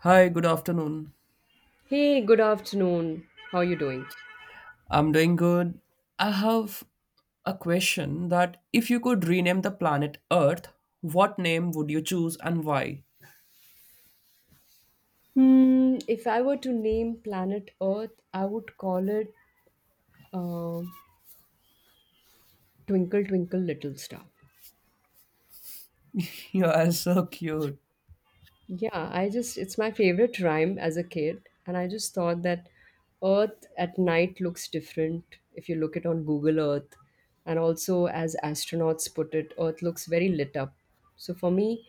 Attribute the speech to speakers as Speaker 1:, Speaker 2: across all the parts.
Speaker 1: Hi, good afternoon.
Speaker 2: Hey, good afternoon. How are you doing?
Speaker 1: I'm doing good. I have a question that if you could rename the planet Earth, what name would you choose and why?
Speaker 2: Hmm, if I were to name planet Earth, I would call it uh, Twinkle Twinkle Little Star.
Speaker 1: You are so cute.
Speaker 2: Yeah, I just, it's my favorite rhyme as a kid. And I just thought that Earth at night looks different if you look it on Google Earth. And also, as astronauts put it, Earth looks very lit up. So for me,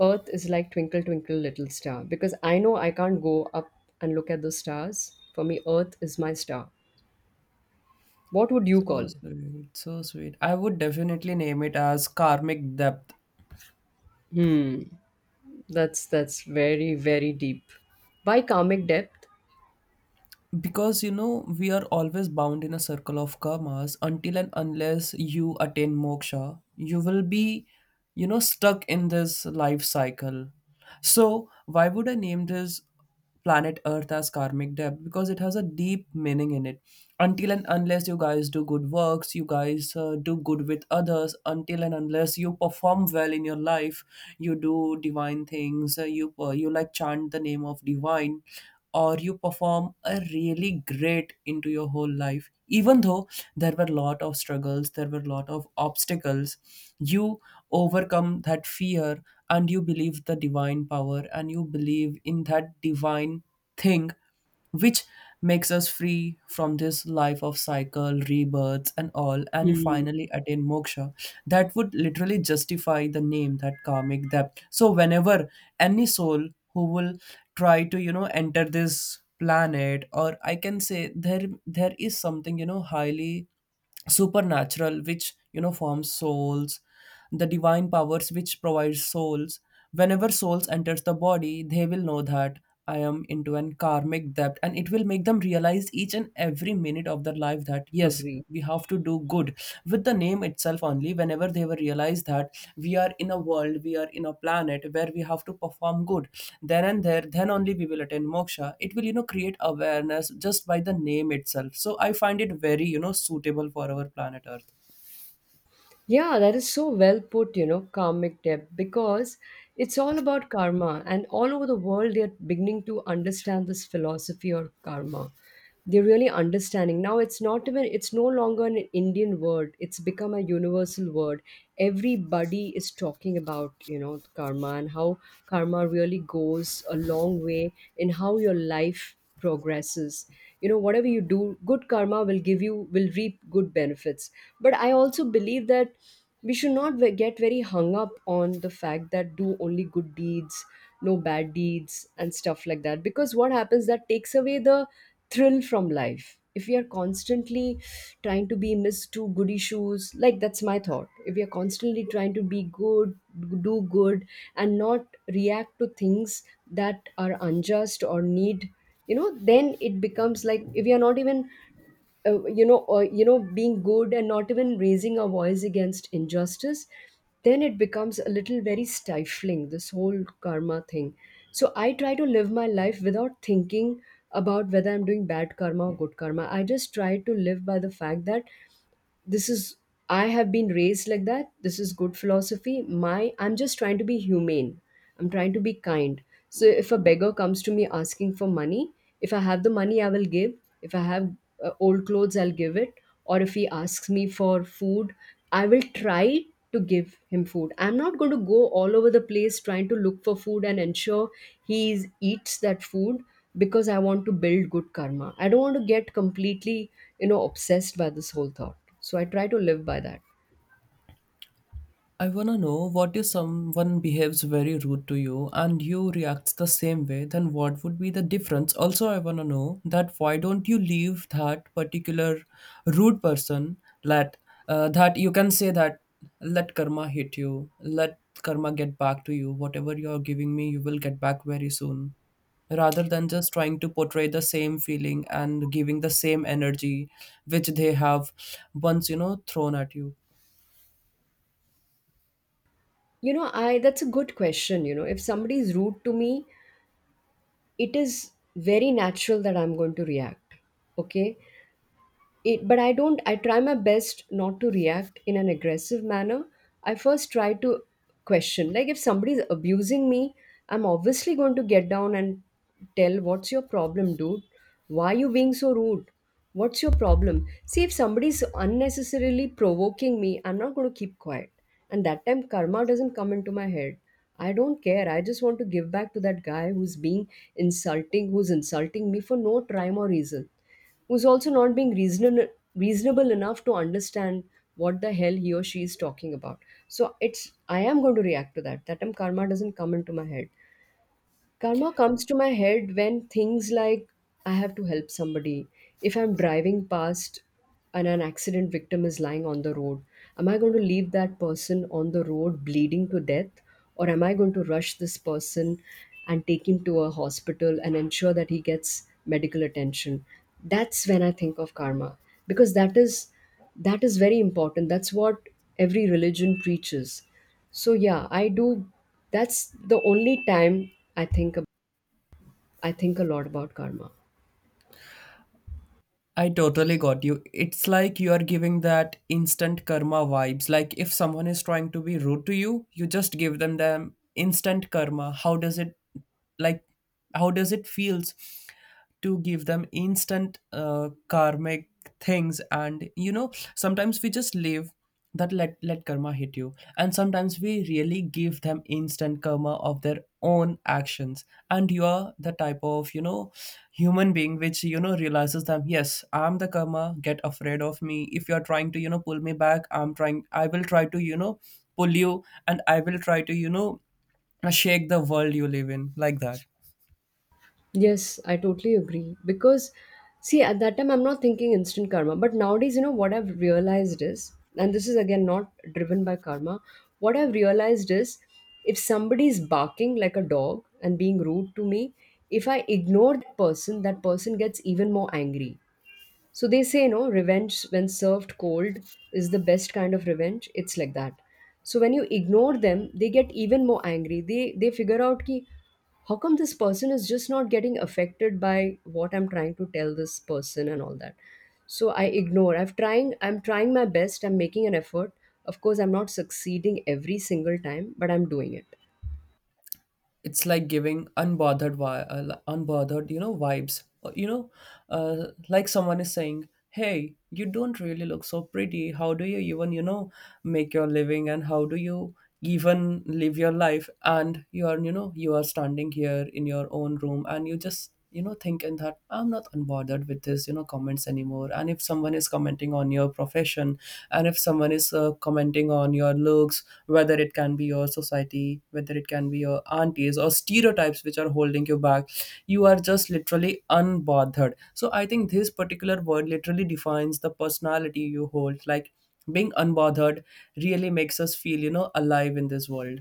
Speaker 2: Earth is like Twinkle, Twinkle, Little Star because I know I can't go up and look at those stars. For me, Earth is my star. What would you
Speaker 1: So
Speaker 2: call?
Speaker 1: sweet, so sweet. I would definitely name it as Karmic Depth
Speaker 2: Hmm, that's very, very deep. By karmic depth.
Speaker 1: because we are always bound in a circle of karmas until and unless you attain moksha you will be stuck in this life cycle. So why would I name this planet earth as karmic debt? Because it has a deep meaning in it. Until and unless you guys do good works, you guys do good with others, until and unless you perform well in your life, you do divine things, you like chant the name of divine, or you perform a really great into your whole life. Even though there were a lot of struggles, there were a lot of obstacles, you overcome that fear, and you believe the divine power, and you believe in that divine thing which makes us free from this life of cycle rebirths and all, and you
Speaker 2: Hmm.
Speaker 1: finally attain moksha. That would literally justify the name, that karmic debt. So whenever any soul who will try to enter this planet, or I can say there is something highly supernatural which forms souls, the divine powers which provides souls, whenever souls enters the body they will know that I am into an karmic debt, and it will make them realize each and every minute of their life that yes,
Speaker 2: Agree.
Speaker 1: we have to do good. With the name itself only, whenever they will realize that we are in a world, we are in a planet where we have to perform good, then and there, then only we will attain moksha. It will create awareness just by the name itself. So I find it very suitable for our planet earth.
Speaker 2: Yeah, that is so well put, you know, karmic debt, because it's all about karma. And all over the world, they're beginning to understand this philosophy or karma. They're really understanding. Now, it's not even, it's no longer an Indian word, it's become a universal word. Everybody is talking about, you know, karma and how karma really goes a long way in how your life progresses. You know, whatever you do, good karma will give you, will reap good benefits. But I also believe that we should not get very hung up on the fact that do only good deeds, no bad deeds and stuff like that, because what happens that takes away the thrill from life if we are constantly trying to be miss two goody shoes. Like, that's my thought. If we are constantly trying to be good, do good, and not react to things that are unjust or need, you know, then it becomes like we are not even, you know, being good and not even raising our voice against injustice. Then it becomes a little very stifling, this whole karma thing. So I try to live my life without thinking about whether I'm doing bad karma or good karma. I just try to live by the fact that this is, I have been raised like that, this is good philosophy. My, I'm just trying to be humane. I'm trying to be kind. So if a beggar comes to me asking for money, if I have the money, I will give. If I have old clothes, I'll give it. Or if he asks me for food, I will try to give him food. I'm not going to go all over the place trying to look for food and ensure eats that food, because I want to build good karma. I don't want to get completely, you know, obsessed by this whole thought. So I try to live by that.
Speaker 1: I wanna know what if someone behaves very rude to you and you react the same way, then what would be the difference? Also, I wanna know that why don't you leave that particular rude person. Let That you can say that, let karma hit you, let karma get back to you. Whatever you're giving me, you will get back very soon. Rather than just trying to portray the same feeling and giving the same energy which they have once thrown at you.
Speaker 2: You know, I, that's a good question. You know, if somebody is rude to me, it is very natural that I'm going to react. Okay. It, but I don't, I try my best not to react in an aggressive manner. I first try to question, like, if somebody's abusing me, I'm obviously going to get down and tell, what's your problem, dude? Why are you being so rude? What's your problem? See, if somebody's unnecessarily provoking me, I'm not going to keep quiet. And that time karma doesn't come into my head. I don't care. I just want to give back to that guy who's being insulting, who's insulting me for no rhyme or reason, who's also not being reasonable enough to understand what the hell he or she is talking about. So it's, I am going to react to that. That term karma doesn't come into my head. Karma comes to my head when things like I have to help somebody. If I'm driving past and an accident victim is lying on the road, am I going to leave that person on the road bleeding to death? Or am I going to rush this person and take him to a hospital and ensure that he gets medical attention? That's when I think of karma, because that is, that is very important. That's what every religion preaches. So yeah, I do. That's the only time I I think a lot about karma.
Speaker 1: I totally got you. It's like you are giving that instant karma vibes. Like if someone is trying to be rude to you, you just give them instant karma. Like how does it feels to give them instant karmic things? And sometimes we just leave that, let karma hit you, and sometimes we really give them instant karma of their own actions. And you are the type of human being which realizes that yes, I'm the karma, get afraid of me. If you're trying to pull me back, I will try to pull you, and I will try to shake the world you live in, like that.
Speaker 2: Yes, I totally agree, because see at that time I'm not thinking instant karma, but nowadays, you know what I've realized is, and this is again not driven by karma. What I've realized is, if somebody is barking like a dog and being rude to me, if I ignore that person gets even more angry. So they say, you know, revenge when served cold is the best kind of revenge. It's like that. So when you ignore them, they get even more angry. They figure out ki, how come this person is just not getting affected by what I'm trying to tell this person and all that. So I ignore. I'm trying my best. I'm making an effort. Of course, I'm not succeeding every single time, but I'm doing it.
Speaker 1: It's like giving unbothered unbothered vibes. Like someone is saying, hey, you don't really look so pretty, how do you even make your living, and how do you even live your life? And you are standing here in your own room, and you just thinking that I'm not unbothered with this comments anymore. And if someone is commenting on your profession, and if someone is commenting on your looks, whether it can be your society, whether it can be your aunties or stereotypes which are holding you back, you are just literally unbothered. So I think this particular word literally defines the personality you hold, like being unbothered really makes us feel alive in this world.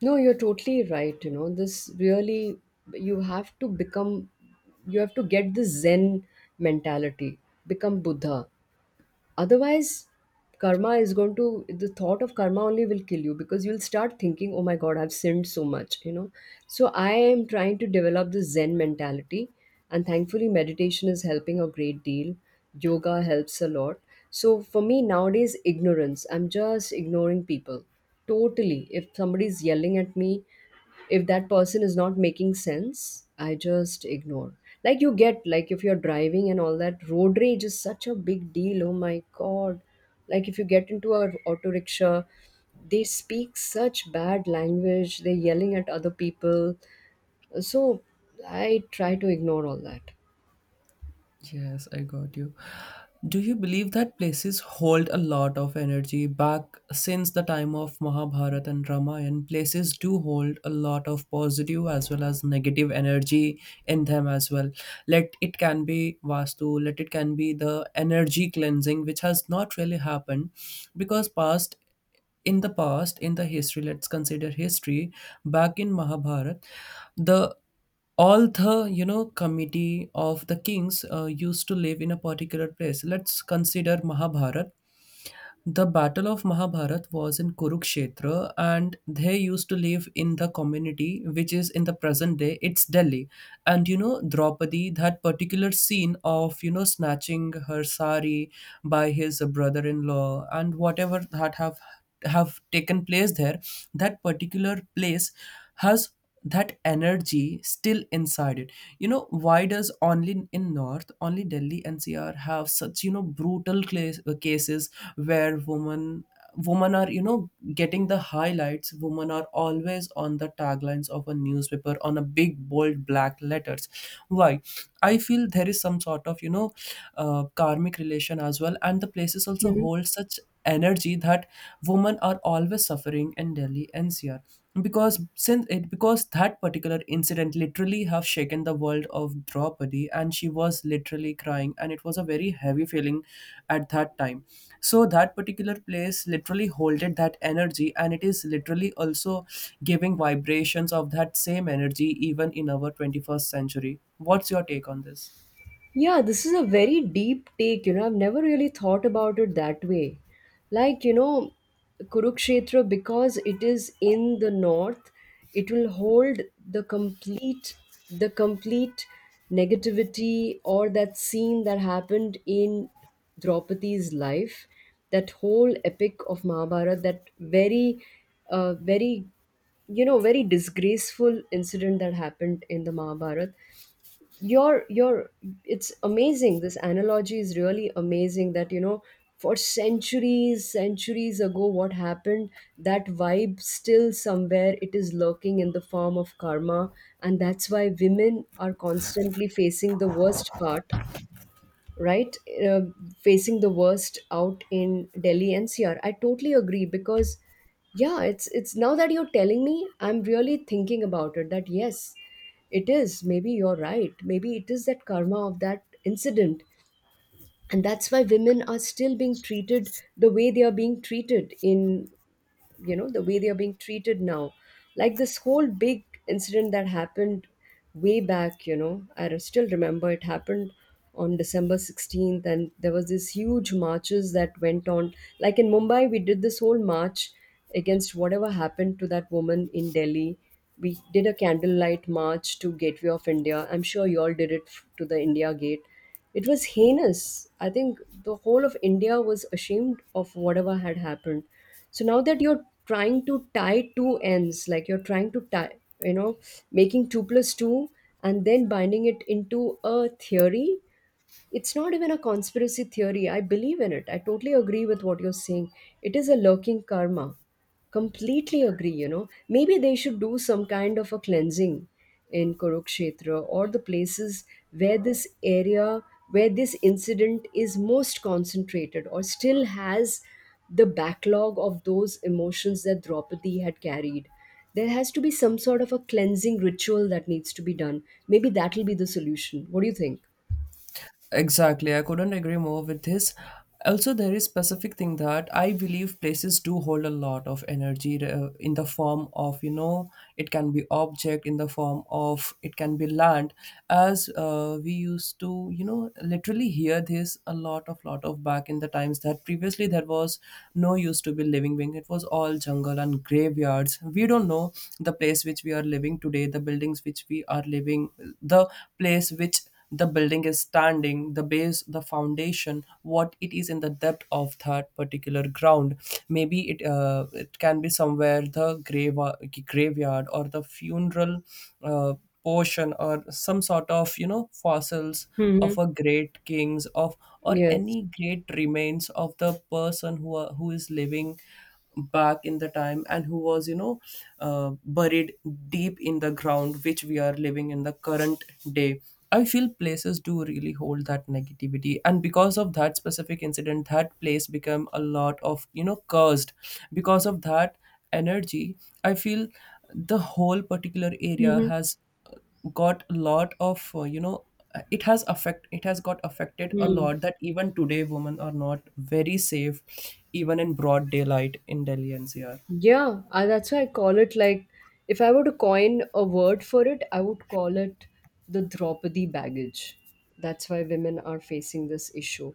Speaker 2: No, you're totally right. You know, this really, you have to become, you have to get the Zen mentality, become Buddha. Otherwise, karma is going to, the thought of karma only will kill you, because you'll start thinking, oh my God, I've sinned so much, you know. So I am trying to develop the Zen mentality. And thankfully, meditation is helping a great deal. Yoga helps a lot. So for me, nowadays, ignorance, I'm just ignoring people totally. If somebody's yelling at me, if that person is not making sense, I just ignore. Like, you get, like if you're driving and all that, road rage is such a big deal, oh my God. Like if you get into a auto rickshaw, they speak such bad language, they're yelling at other people. So I try to ignore all that.
Speaker 1: Yes, I got you. Do you believe that places hold a lot of energy? Back since the time of Mahabharata and Ramayana, places do hold a lot of positive as well as negative energy in them as well. Let it can be Vastu, let it can be the energy cleansing, which has not really happened because past in the history, let's consider history, back in mahabharat, the Alther, committee of the kings used to live in a particular place. Let's consider Mahabharata. The Battle of Mahabharat was in Kurukshetra, and they used to live in the community, which is in the present day, it's Delhi. And Draupadi, that particular scene of snatching her sari by his brother-in-law, and whatever that have taken place there, that particular place has that energy still inside it. You know why does only in north, only Delhi NCR have such brutal cases where women are getting the highlights? Women are always on the taglines of a newspaper, on a big bold black letters. Why? I feel there is some sort of karmic relation as well, and the places also hold such energy that women are always suffering in Delhi NCR. Because since it Because that particular incident literally have shaken the world of Draupadi, and she was literally crying, and it was a very heavy feeling at that time. So that particular place literally holded that energy, and it is literally also giving vibrations of that same energy even in our 21st century. What's your take on this?
Speaker 2: Yeah, this is a very deep take. You know, I've never really thought about it that way. Like, you know, Kurukshetra, because it is in the north, it will hold the complete, the complete negativity, or that scene that happened in Draupadi's life, that whole epic of Mahabharata, that very, very, you know, very disgraceful incident that happened in the Mahabharata. You're, it's amazing, this analogy is really amazing, that, you know, for centuries ago what happened, that vibe still somewhere, it is lurking in the form of karma, and that's why women are constantly facing the worst part, right? Uh, facing the worst out in Delhi NCR. I totally agree, because yeah, it's now that you're telling me, I'm really thinking about it, that yes, it is, maybe you're right, maybe it is that karma of that incident, and that's why women are still being treated the way they are being treated in, you know, the way they are being treated now. Like, this whole big incident that happened way back, you know, I still remember, it happened on December 16th, and there was this huge marches that went on. Like, in Mumbai we did this whole march against whatever happened to that woman in Delhi. We did a candlelight march to Gateway of India. I'm sure you all did it to the India Gate. It was heinous. I think the whole of India was ashamed of whatever had happened. So now that you're trying to tie two ends, like, you're trying to tie, you know, making 2 plus 2 and then binding it into a theory, it's not even a conspiracy theory. I believe in it. I totally agree with what you're saying. It is a lurking karma. Completely agree, you know. Maybe they should do some kind of a cleansing in Kurukshetra, or the places where this area, where this incident is most concentrated or still has the backlog of those emotions that Draupadi had carried. There has to be some sort of a cleansing ritual that needs to be done. Maybe that'll be the solution. What do you think?
Speaker 1: Exactly, I couldn't agree more with this. Also, there is specific thing that I believe places do hold a lot of energy in the form of, it can be object, in the form of it can be land. As we used to literally hear this a lot of back in the times that previously there was no used to be living being, it was all jungle and graveyards, we don't know. The place which we are living today, the buildings which we are living, the place which the building is standing, the base, the foundation, what it is in the depth of that particular ground. Maybe it can be somewhere the graveyard, or the funeral uh, portion, or some sort of fossils of
Speaker 2: Hmm.
Speaker 1: a great kings of, or
Speaker 2: Yes.
Speaker 1: any great remains of the person who are, who is living back in the time, and who was buried deep in the ground which we are living in the current day. I feel places do really hold that negativity, and because of that specific incident that place became a lot of cursed because of that energy. I feel the whole particular area
Speaker 2: Mm-hmm.
Speaker 1: has got a lot of it has got affected a
Speaker 2: Mm.
Speaker 1: lot that even today women are not very safe, even in broad daylight in Delhi NCR.
Speaker 2: Yeah, I, that's why I call it, like, if I were to coin a word for it, I would call it the Draupadi baggage. That's why women are facing this issue.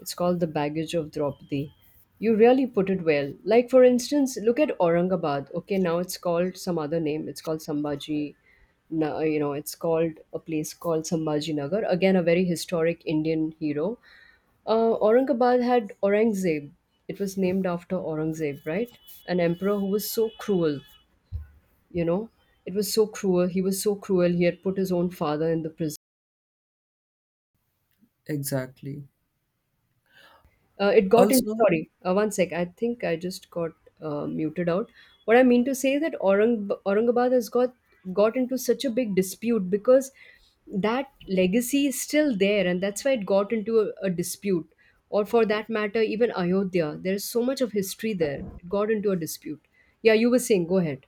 Speaker 2: It's called the baggage of Draupadi. You really put it well. Like, for instance, look at Aurangabad. Okay, now it's called some other name, it's called Sambhaji. You know, it's called a place called Sambhaji Nagar. Again, a very historic Indian hero. Aurangabad had Aurangzeb. It was named after Aurangzeb, right? An emperor who was so cruel, you know. It was so cruel. He was so cruel. He had put his own father in the prison.
Speaker 1: Exactly,
Speaker 2: It got in.
Speaker 1: also,
Speaker 2: Sorry, one sec. I think I just got muted out. What I mean to say is that Aurangabad has got into such a big dispute because that legacy is still there, and that's why it got into a dispute. Or for that matter, even Ayodhya. There is so much of history there. It got into a dispute. Yeah, you were saying. Go ahead.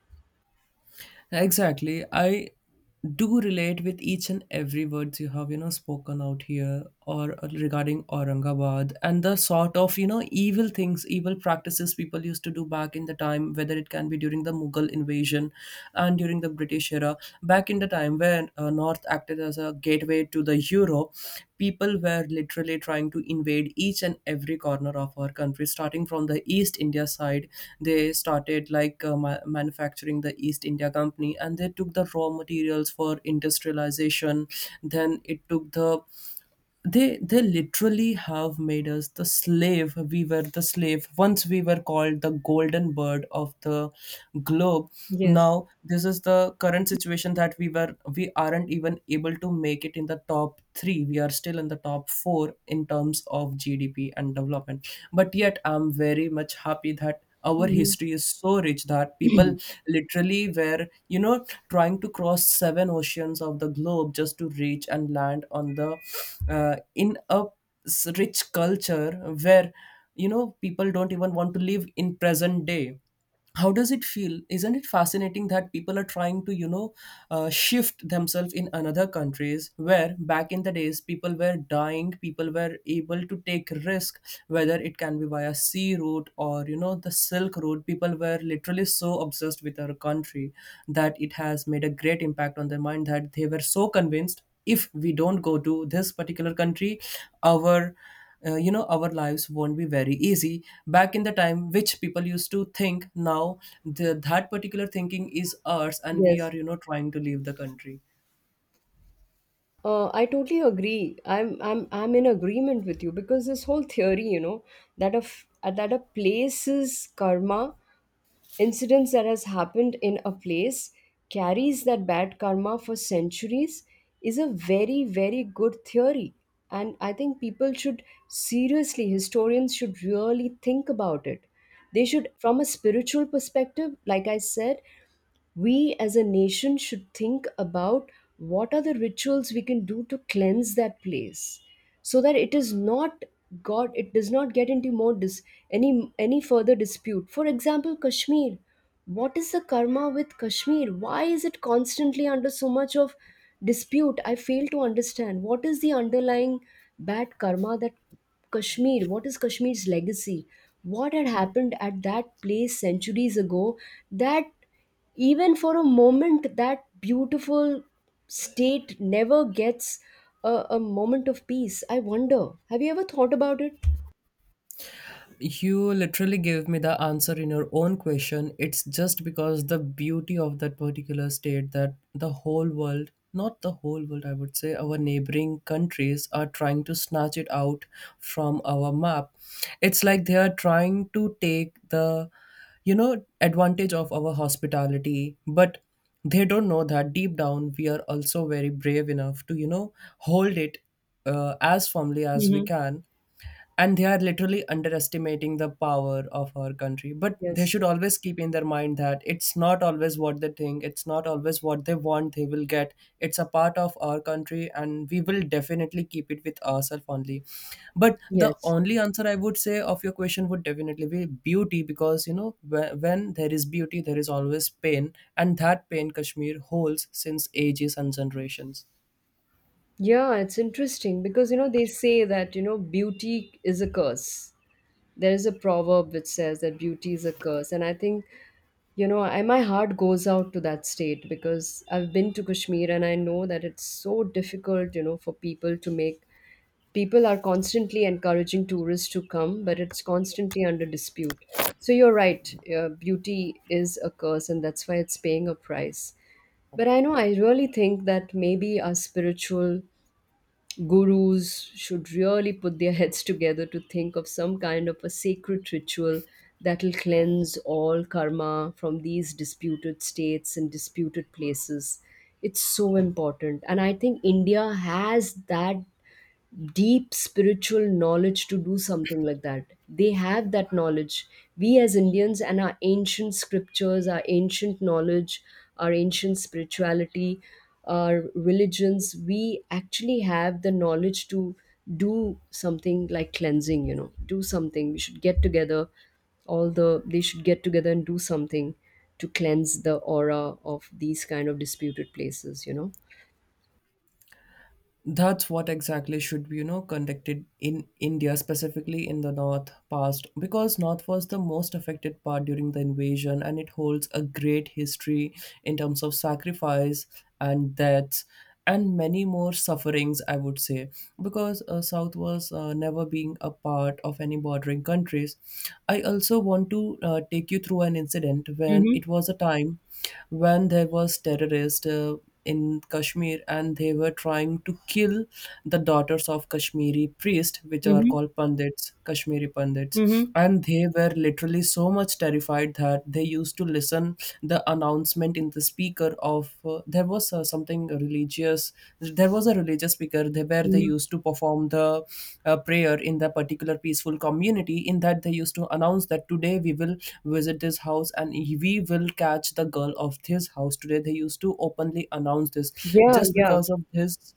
Speaker 1: exactly, I do relate with each and every words you have spoken out here, or regarding Aurangabad and the sort of evil things, evil practices people used to do back in the time, whether it can be during the Mughal invasion and during the British era, back in the time when north acted as a gateway to the Europe, people were literally trying to invade each and every corner of our country. Starting from the East India side, they started like manufacturing the East India Company, and they took the raw materials for industrialization. Then it took the they literally have made us the slave. We were the slave. Once we were called the golden bird of the globe.
Speaker 2: Yes.
Speaker 1: Now this is the current situation that we aren't even able to make it in the top 3. We are still in the top 4 in terms of GDP and development, but yet I'm very much happy that our
Speaker 2: Mhm.
Speaker 1: history is so rich that people literally were trying to cross 7 oceans of the globe just to reach and land on the in a s- rich culture where, you know, people don't even want to live in present day. How does it feel? Isn't it fascinating that people are trying to, you know, shift themselves in another countries where back in the days people were dying, people were able to take risk, whether it can be via sea route or, you know, the silk route. People were literally so obsessed with our country that it has made a great impact on their mind that they were so convinced, if we don't go to this particular country, our you know, our lives won't be very easy back in the time, which people used to think. Now that particular thinking is ours and we are,
Speaker 2: Yes.
Speaker 1: you know, trying to leave the country.
Speaker 2: I totally agree. I'm in agreement with you because this whole theory, you know, that of that a place's karma, incidents that has happened in a place carries that bad karma for centuries, is a very good theory, and I think people should seriously, historians should really think about it. They should, from a spiritual perspective, like I said, we as a nation should think about what are the rituals we can do to cleanse that place so that it is not got it does not get into more any further dispute. For example, Kashmir. What is the karma with Kashmir? Why is it constantly under so much of dispute? I fail to understand, what is the underlying bad karma that kashmir what is Kashmir's legacy? What had happened at that place centuries ago that even for a moment that beautiful state never gets a moment of peace? I wonder, have you ever thought about it?
Speaker 1: You literally gave me the answer in your own question. It's just because the beauty of that particular state that the whole world, not the whole world, I would say, our neighboring countries are trying to snatch it out from our map. It's like they are trying to take the, you know, advantage of our hospitality, but they don't know that deep down we are also very brave enough to, you know, hold it as firmly as we
Speaker 2: hmm
Speaker 1: can, and they are literally underestimating the power of our country. But they
Speaker 2: yes.
Speaker 1: should always keep in their mind that it's not always what they think, it's not always what they want they will get. It's a part of our country and we will definitely keep it with ourselves only. But the
Speaker 2: Yes.
Speaker 1: only answer I would say of your question would definitely be beauty, because, you know, when there is beauty there is always pain, and that pain Kashmir holds since ages and generations.
Speaker 2: Yeah, it's interesting because, you know, they say that, you know, beauty is a curse. There is a proverb which says that beauty is a curse. And I think, you know, my heart goes out to that state because I've been to Kashmir and I know that it's so difficult, you know, for people to make, people are constantly encouraging tourists to come, but it's constantly under dispute. So you're right, beauty is a curse, and that's why it's paying a price. But I know I really think that maybe our spiritual gurus should really put their heads together to think of some kind of a sacred ritual that'll cleanse all karma from these disputed states and disputed places. It's so important. And I think India has that deep spiritual knowledge to do something like that. They have that knowledge. We as Indians and our ancient scriptures, our ancient knowledge, our ancient spirituality, our religions, we actually have the knowledge to do something like cleansing, do something. We should get together, they should get together and do something to cleanse the aura of these kind of disputed places.
Speaker 1: That's what exactly should be, you know, conducted in India, specifically in the north past, because north was the most affected part during the invasion and it holds a great history in terms of sacrifice and deaths and many more sufferings, I would say, because south was never being a part of any bordering countries. I also want to take you through an incident when
Speaker 2: Mm-hmm.
Speaker 1: it was a time when there was terrorist in Kashmir, and they were trying to kill the daughters of Kashmiri priests, which are
Speaker 2: Mm-hmm.
Speaker 1: called Pandits, Kashmiri Pandits.
Speaker 2: Mm-hmm.
Speaker 1: And they were literally so much terrified that they used to listen the announcement in the speaker of there was something religious. There was a religious speaker there where they
Speaker 2: Mm-hmm.
Speaker 1: used to perform the prayer in the particular peaceful community. In that they used to announce that today we will visit this house and we will catch the girl of this house. Today they used to openly announce this
Speaker 2: Yeah,
Speaker 1: just
Speaker 2: yeah.
Speaker 1: because of this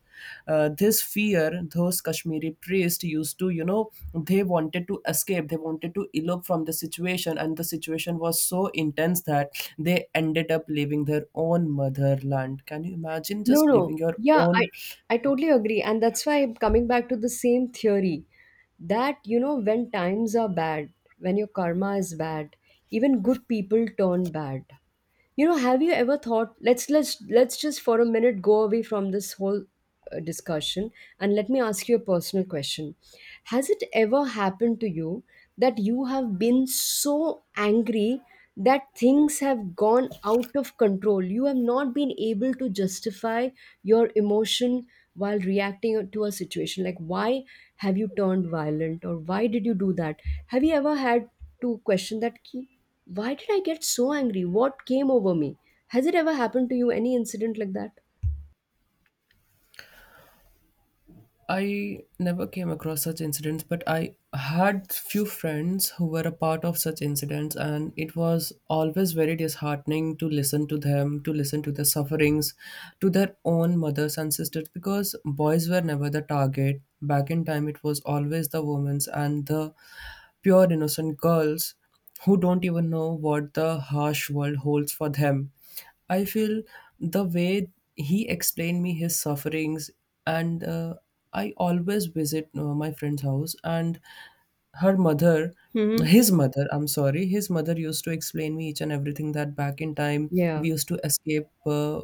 Speaker 1: uh, this fear. Those Kashmiri priests used to, you know, they wanted to escape, they wanted to elope from the situation, and the situation was so intense that they ended up leaving their own motherland. Can you imagine
Speaker 2: No,
Speaker 1: just
Speaker 2: no.
Speaker 1: leaving your
Speaker 2: Yeah,
Speaker 1: own?
Speaker 2: I totally agree. And that's why I'm coming back to the same theory that, you know, when times are bad, when your karma is bad, even good people turn bad. You know, have you ever thought, let's just for a minute go away from this whole discussion and let me ask you a personal question. Has it ever happened to you that you have been so angry that things have gone out of control? You have not been able to justify your emotion while reacting to a situation. Like, why have you turned violent or why did you do that? Have you ever had to question that key? Why did I get so angry? What came over me? Has it ever happened to you? Any incident like that?
Speaker 1: I never came across such incidents, but I had few friends who were a part of such incidents, and it was always very disheartening to listen to them, to listen to their sufferings, to their own mothers and sisters, because boys were never the target. Back in time, it was always the women's and the pure innocent girls who don't even know what the harsh world holds for them. I feel the way he explained me his sufferings, and I always visit my friend's house, and her mother,
Speaker 2: hmm
Speaker 1: his mother, I'm sorry, his mother used to explain me each and everything that back in time
Speaker 2: Yeah.
Speaker 1: we used to escape.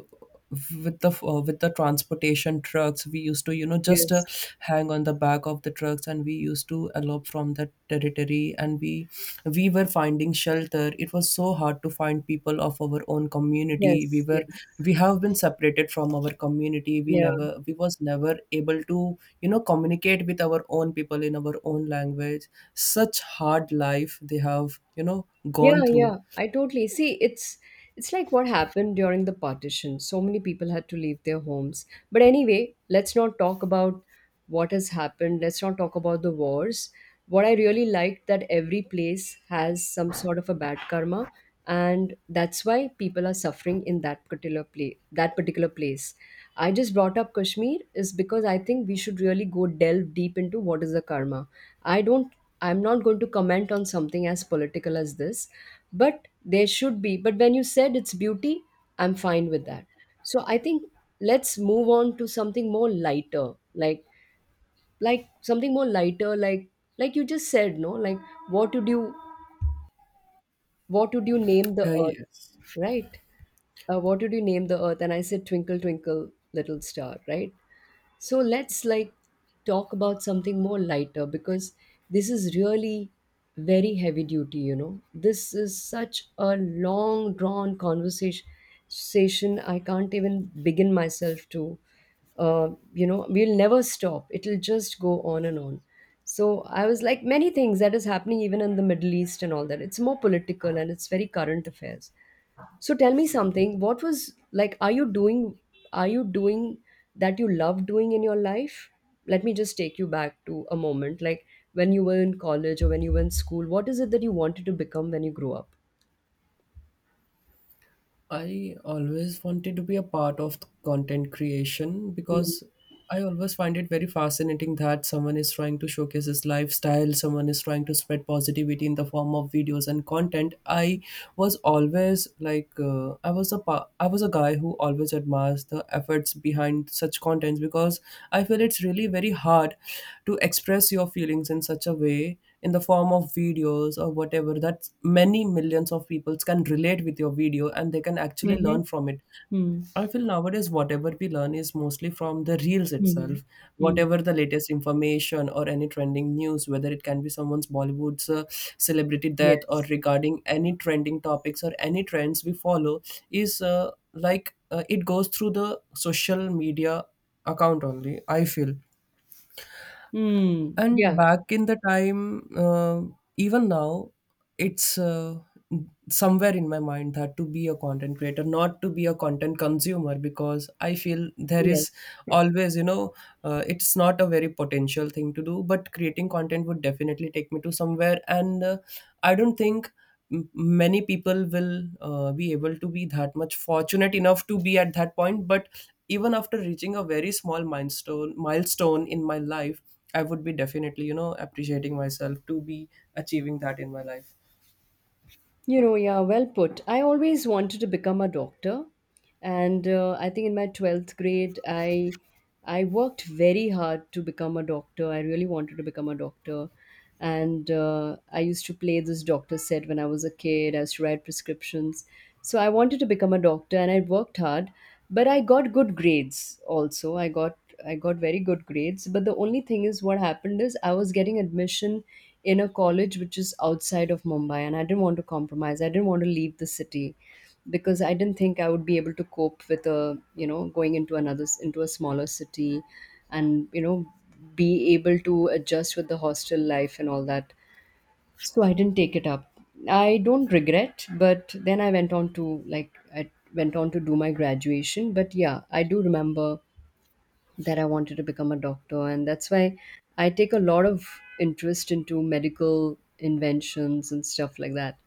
Speaker 1: With the with the transportation trucks, we used to, you know, just
Speaker 2: Yes.
Speaker 1: hang on the back of the trucks, and we used to elope from that territory. And we were finding shelter. It was so hard to find people of our own community. We
Speaker 2: Yes.
Speaker 1: were
Speaker 2: Yes.
Speaker 1: we have been separated from our community. we
Speaker 2: Yeah.
Speaker 1: never we was never able to, you know, communicate with our own people in our own language. Such hard life they have, you know,
Speaker 2: Yeah,
Speaker 1: gone through.
Speaker 2: yeah, I totally see. It's like what happened during the partition. So many people had to leave their homes. But anyway, let's not talk about what has happened. Let's not talk about the wars. What I really liked that every place has some sort of a bad karma, and that's why people are suffering in that particular place. That particular place. I just brought up Kashmir is because I think we should really go delve deep into what is the karma. I don't. I'm not going to comment on something as political as this, but there should be, but when you said it's beauty, I'm fine with that. So I think let's move on to something more lighter, like like something more lighter like like you just said, no, like, what would you, what would you name the earth,
Speaker 1: Yes,
Speaker 2: right? What would you name the earth? And I said, twinkle twinkle little star, right? So let's like talk about something more lighter because this is really very heavy duty. You know, this is such a long drawn conversation, I can't even begin myself to, you know, we'll never stop, it'll just go on and on. So I was like, many things that is happening even in the Middle East and all that, it's more political and it's very current affairs. So tell me something, what was like, are you doing that you love doing in your life? Let me just take you back to a moment, like when you were in college or when you were in school, what is it that you wanted to become when you grew up?
Speaker 1: I always wanted to be a part of content creation because I always find it very fascinating that someone is trying to showcase his lifestyle, someone is trying to spread positivity in the form of videos and content. I was always like, I was a guy who always admires the efforts behind such contents, because I feel it's really very hard to express your feelings in such a way in the form of videos or whatever, that many millions of people can relate with your video and they can actually
Speaker 2: Mm-hmm.
Speaker 1: learn from it. I feel nowadays whatever we learn is mostly from the reels
Speaker 2: Mm-hmm.
Speaker 1: itself.
Speaker 2: Mm-hmm.
Speaker 1: Whatever the latest information or any trending news, whether it can be someone's Bollywood's celebrity death or
Speaker 2: Yes.
Speaker 1: regarding any trending topics or any trends we follow, is it goes through the social media account only, I feel.
Speaker 2: Mm-hmm.
Speaker 1: And
Speaker 2: Yeah.
Speaker 1: back in the time, even now, it's somewhere in my mind that to be a content creator, not to be a content consumer, because I feel there
Speaker 2: Yes.
Speaker 1: is always, you know, it's not a very potential thing to do, but creating content would definitely take me to somewhere. And I don't think many people will be able to be that much fortunate enough to be at that point. But even after reaching a very small milestone in my life, I would be definitely, you know, appreciating myself to be achieving that in my life.
Speaker 2: You know, yeah, well put. I always wanted to become a doctor, and I think in my twelfth grade, I worked very hard to become a doctor. I really wanted to become a doctor, and I used to play this doctor set when I was a kid. I used to write prescriptions, so I wanted to become a doctor, and I worked hard. But I got good grades also. I got very good grades. But the only thing is, what happened is I was getting admission in a college which is outside of Mumbai, and I didn't want to compromise. I didn't want to leave the city because I didn't think I would be able to cope with a, you know, going into another, into a smaller city, and, you know, be able to adjust with the hostel life and all that. So I didn't take it up. I don't regret, but then I went on to do my graduation, but yeah, I do remember that I wanted to become a doctor, and that's why I take a lot of interest into medical inventions and stuff like that.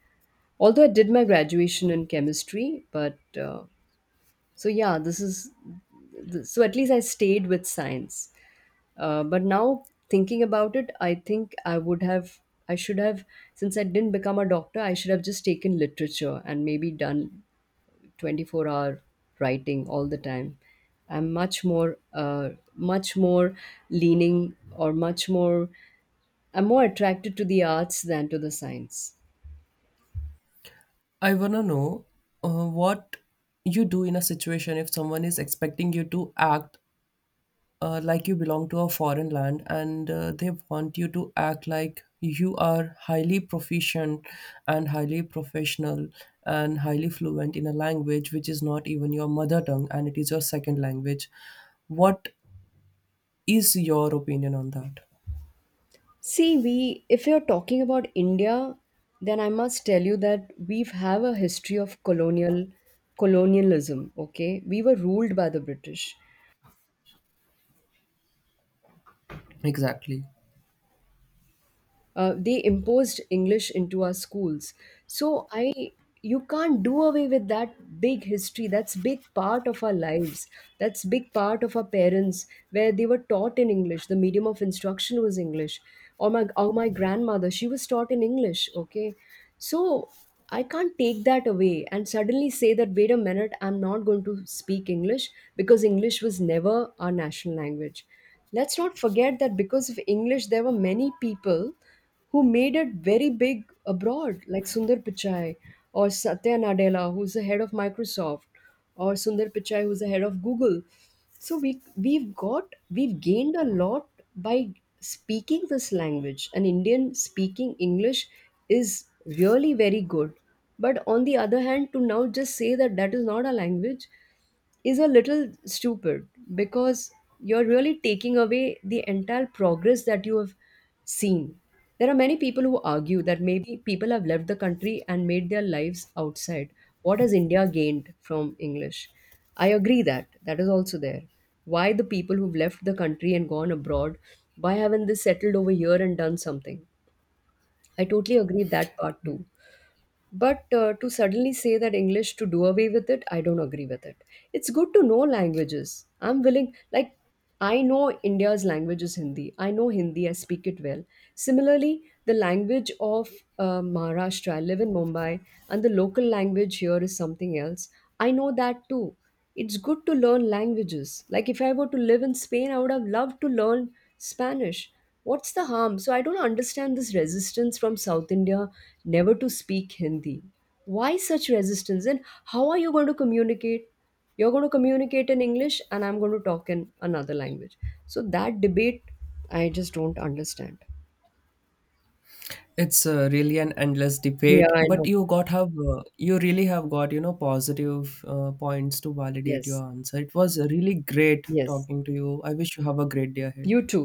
Speaker 2: Although I did my graduation in chemistry, but so yeah, this is so at least I stayed with science. But now thinking about it, I think I should have, since I didn't become a doctor, I should have just taken literature and maybe done 24-hour writing all the time. I'm much more uh, much more leaning, or much more, I'm more attracted to the arts than to the science.
Speaker 1: I want to know what you do in a situation if someone is expecting you to act like you belong to a foreign land, and they want you to act like you are highly proficient and highly professional and highly fluent in a language which is not even your mother tongue and it is your second language. What is your opinion on that?
Speaker 2: See, we if you're talking about India, then I must tell you that we have a history of colonialism. Okay, we were ruled by the British.
Speaker 1: Exactly,
Speaker 2: They imposed English into our schools. So i you can't do away with that big history. That's big part of our lives. That's big part of our parents, where they were taught in English, the medium of instruction was English. Or my grandmother, she was taught in English. Okay, so I can't take that away and suddenly say that, wait a minute, I'm not going to speak English, because English was never our national language. Let's not forget that because of English, there were many people who made it very big abroad, like Sundar Pichai or Satya Nadella, who's the head of Microsoft, or Sundar Pichai, who's the head of Google. So we we've got we've gained a lot by speaking this language. An Indian speaking English is really very good. But on the other hand, to now just say that that is not a language, is a little stupid because you're really taking away the entire progress that you have seen. There are many people who argue that maybe people have left the country and made their lives outside. What has India gained from English? I agree that that is also there. Why the people who've left the country and gone abroad, why haven't they settled over here and done something? I totally agree that part too. But to suddenly say that English to do away with it, I don't agree with it. It's good to know languages. I'm willing, like, I know India's language is Hindi. I know Hindi, I speak it well. Similarly, the language of Maharashtra, I live in Mumbai, and the local language here is something else. I know that too. It's good to learn languages. Like if I were to live in Spain, I would have loved to learn Spanish. What's the harm? So I don't understand this resistance from South India never to speak Hindi. Why such resistance? And how are you going to communicate? You're going to communicate in English, and I'm going to talk in another language. So that debate, I just don't understand.
Speaker 1: it's really an endless
Speaker 2: Yeah,
Speaker 1: debate,
Speaker 2: I
Speaker 1: but
Speaker 2: know.
Speaker 1: you really have got, you know, positive points to validate your
Speaker 2: Yes,
Speaker 1: answer. It was really great
Speaker 2: yes.
Speaker 1: talking to you. I wish you have a great day
Speaker 2: You
Speaker 1: ahead.
Speaker 2: too.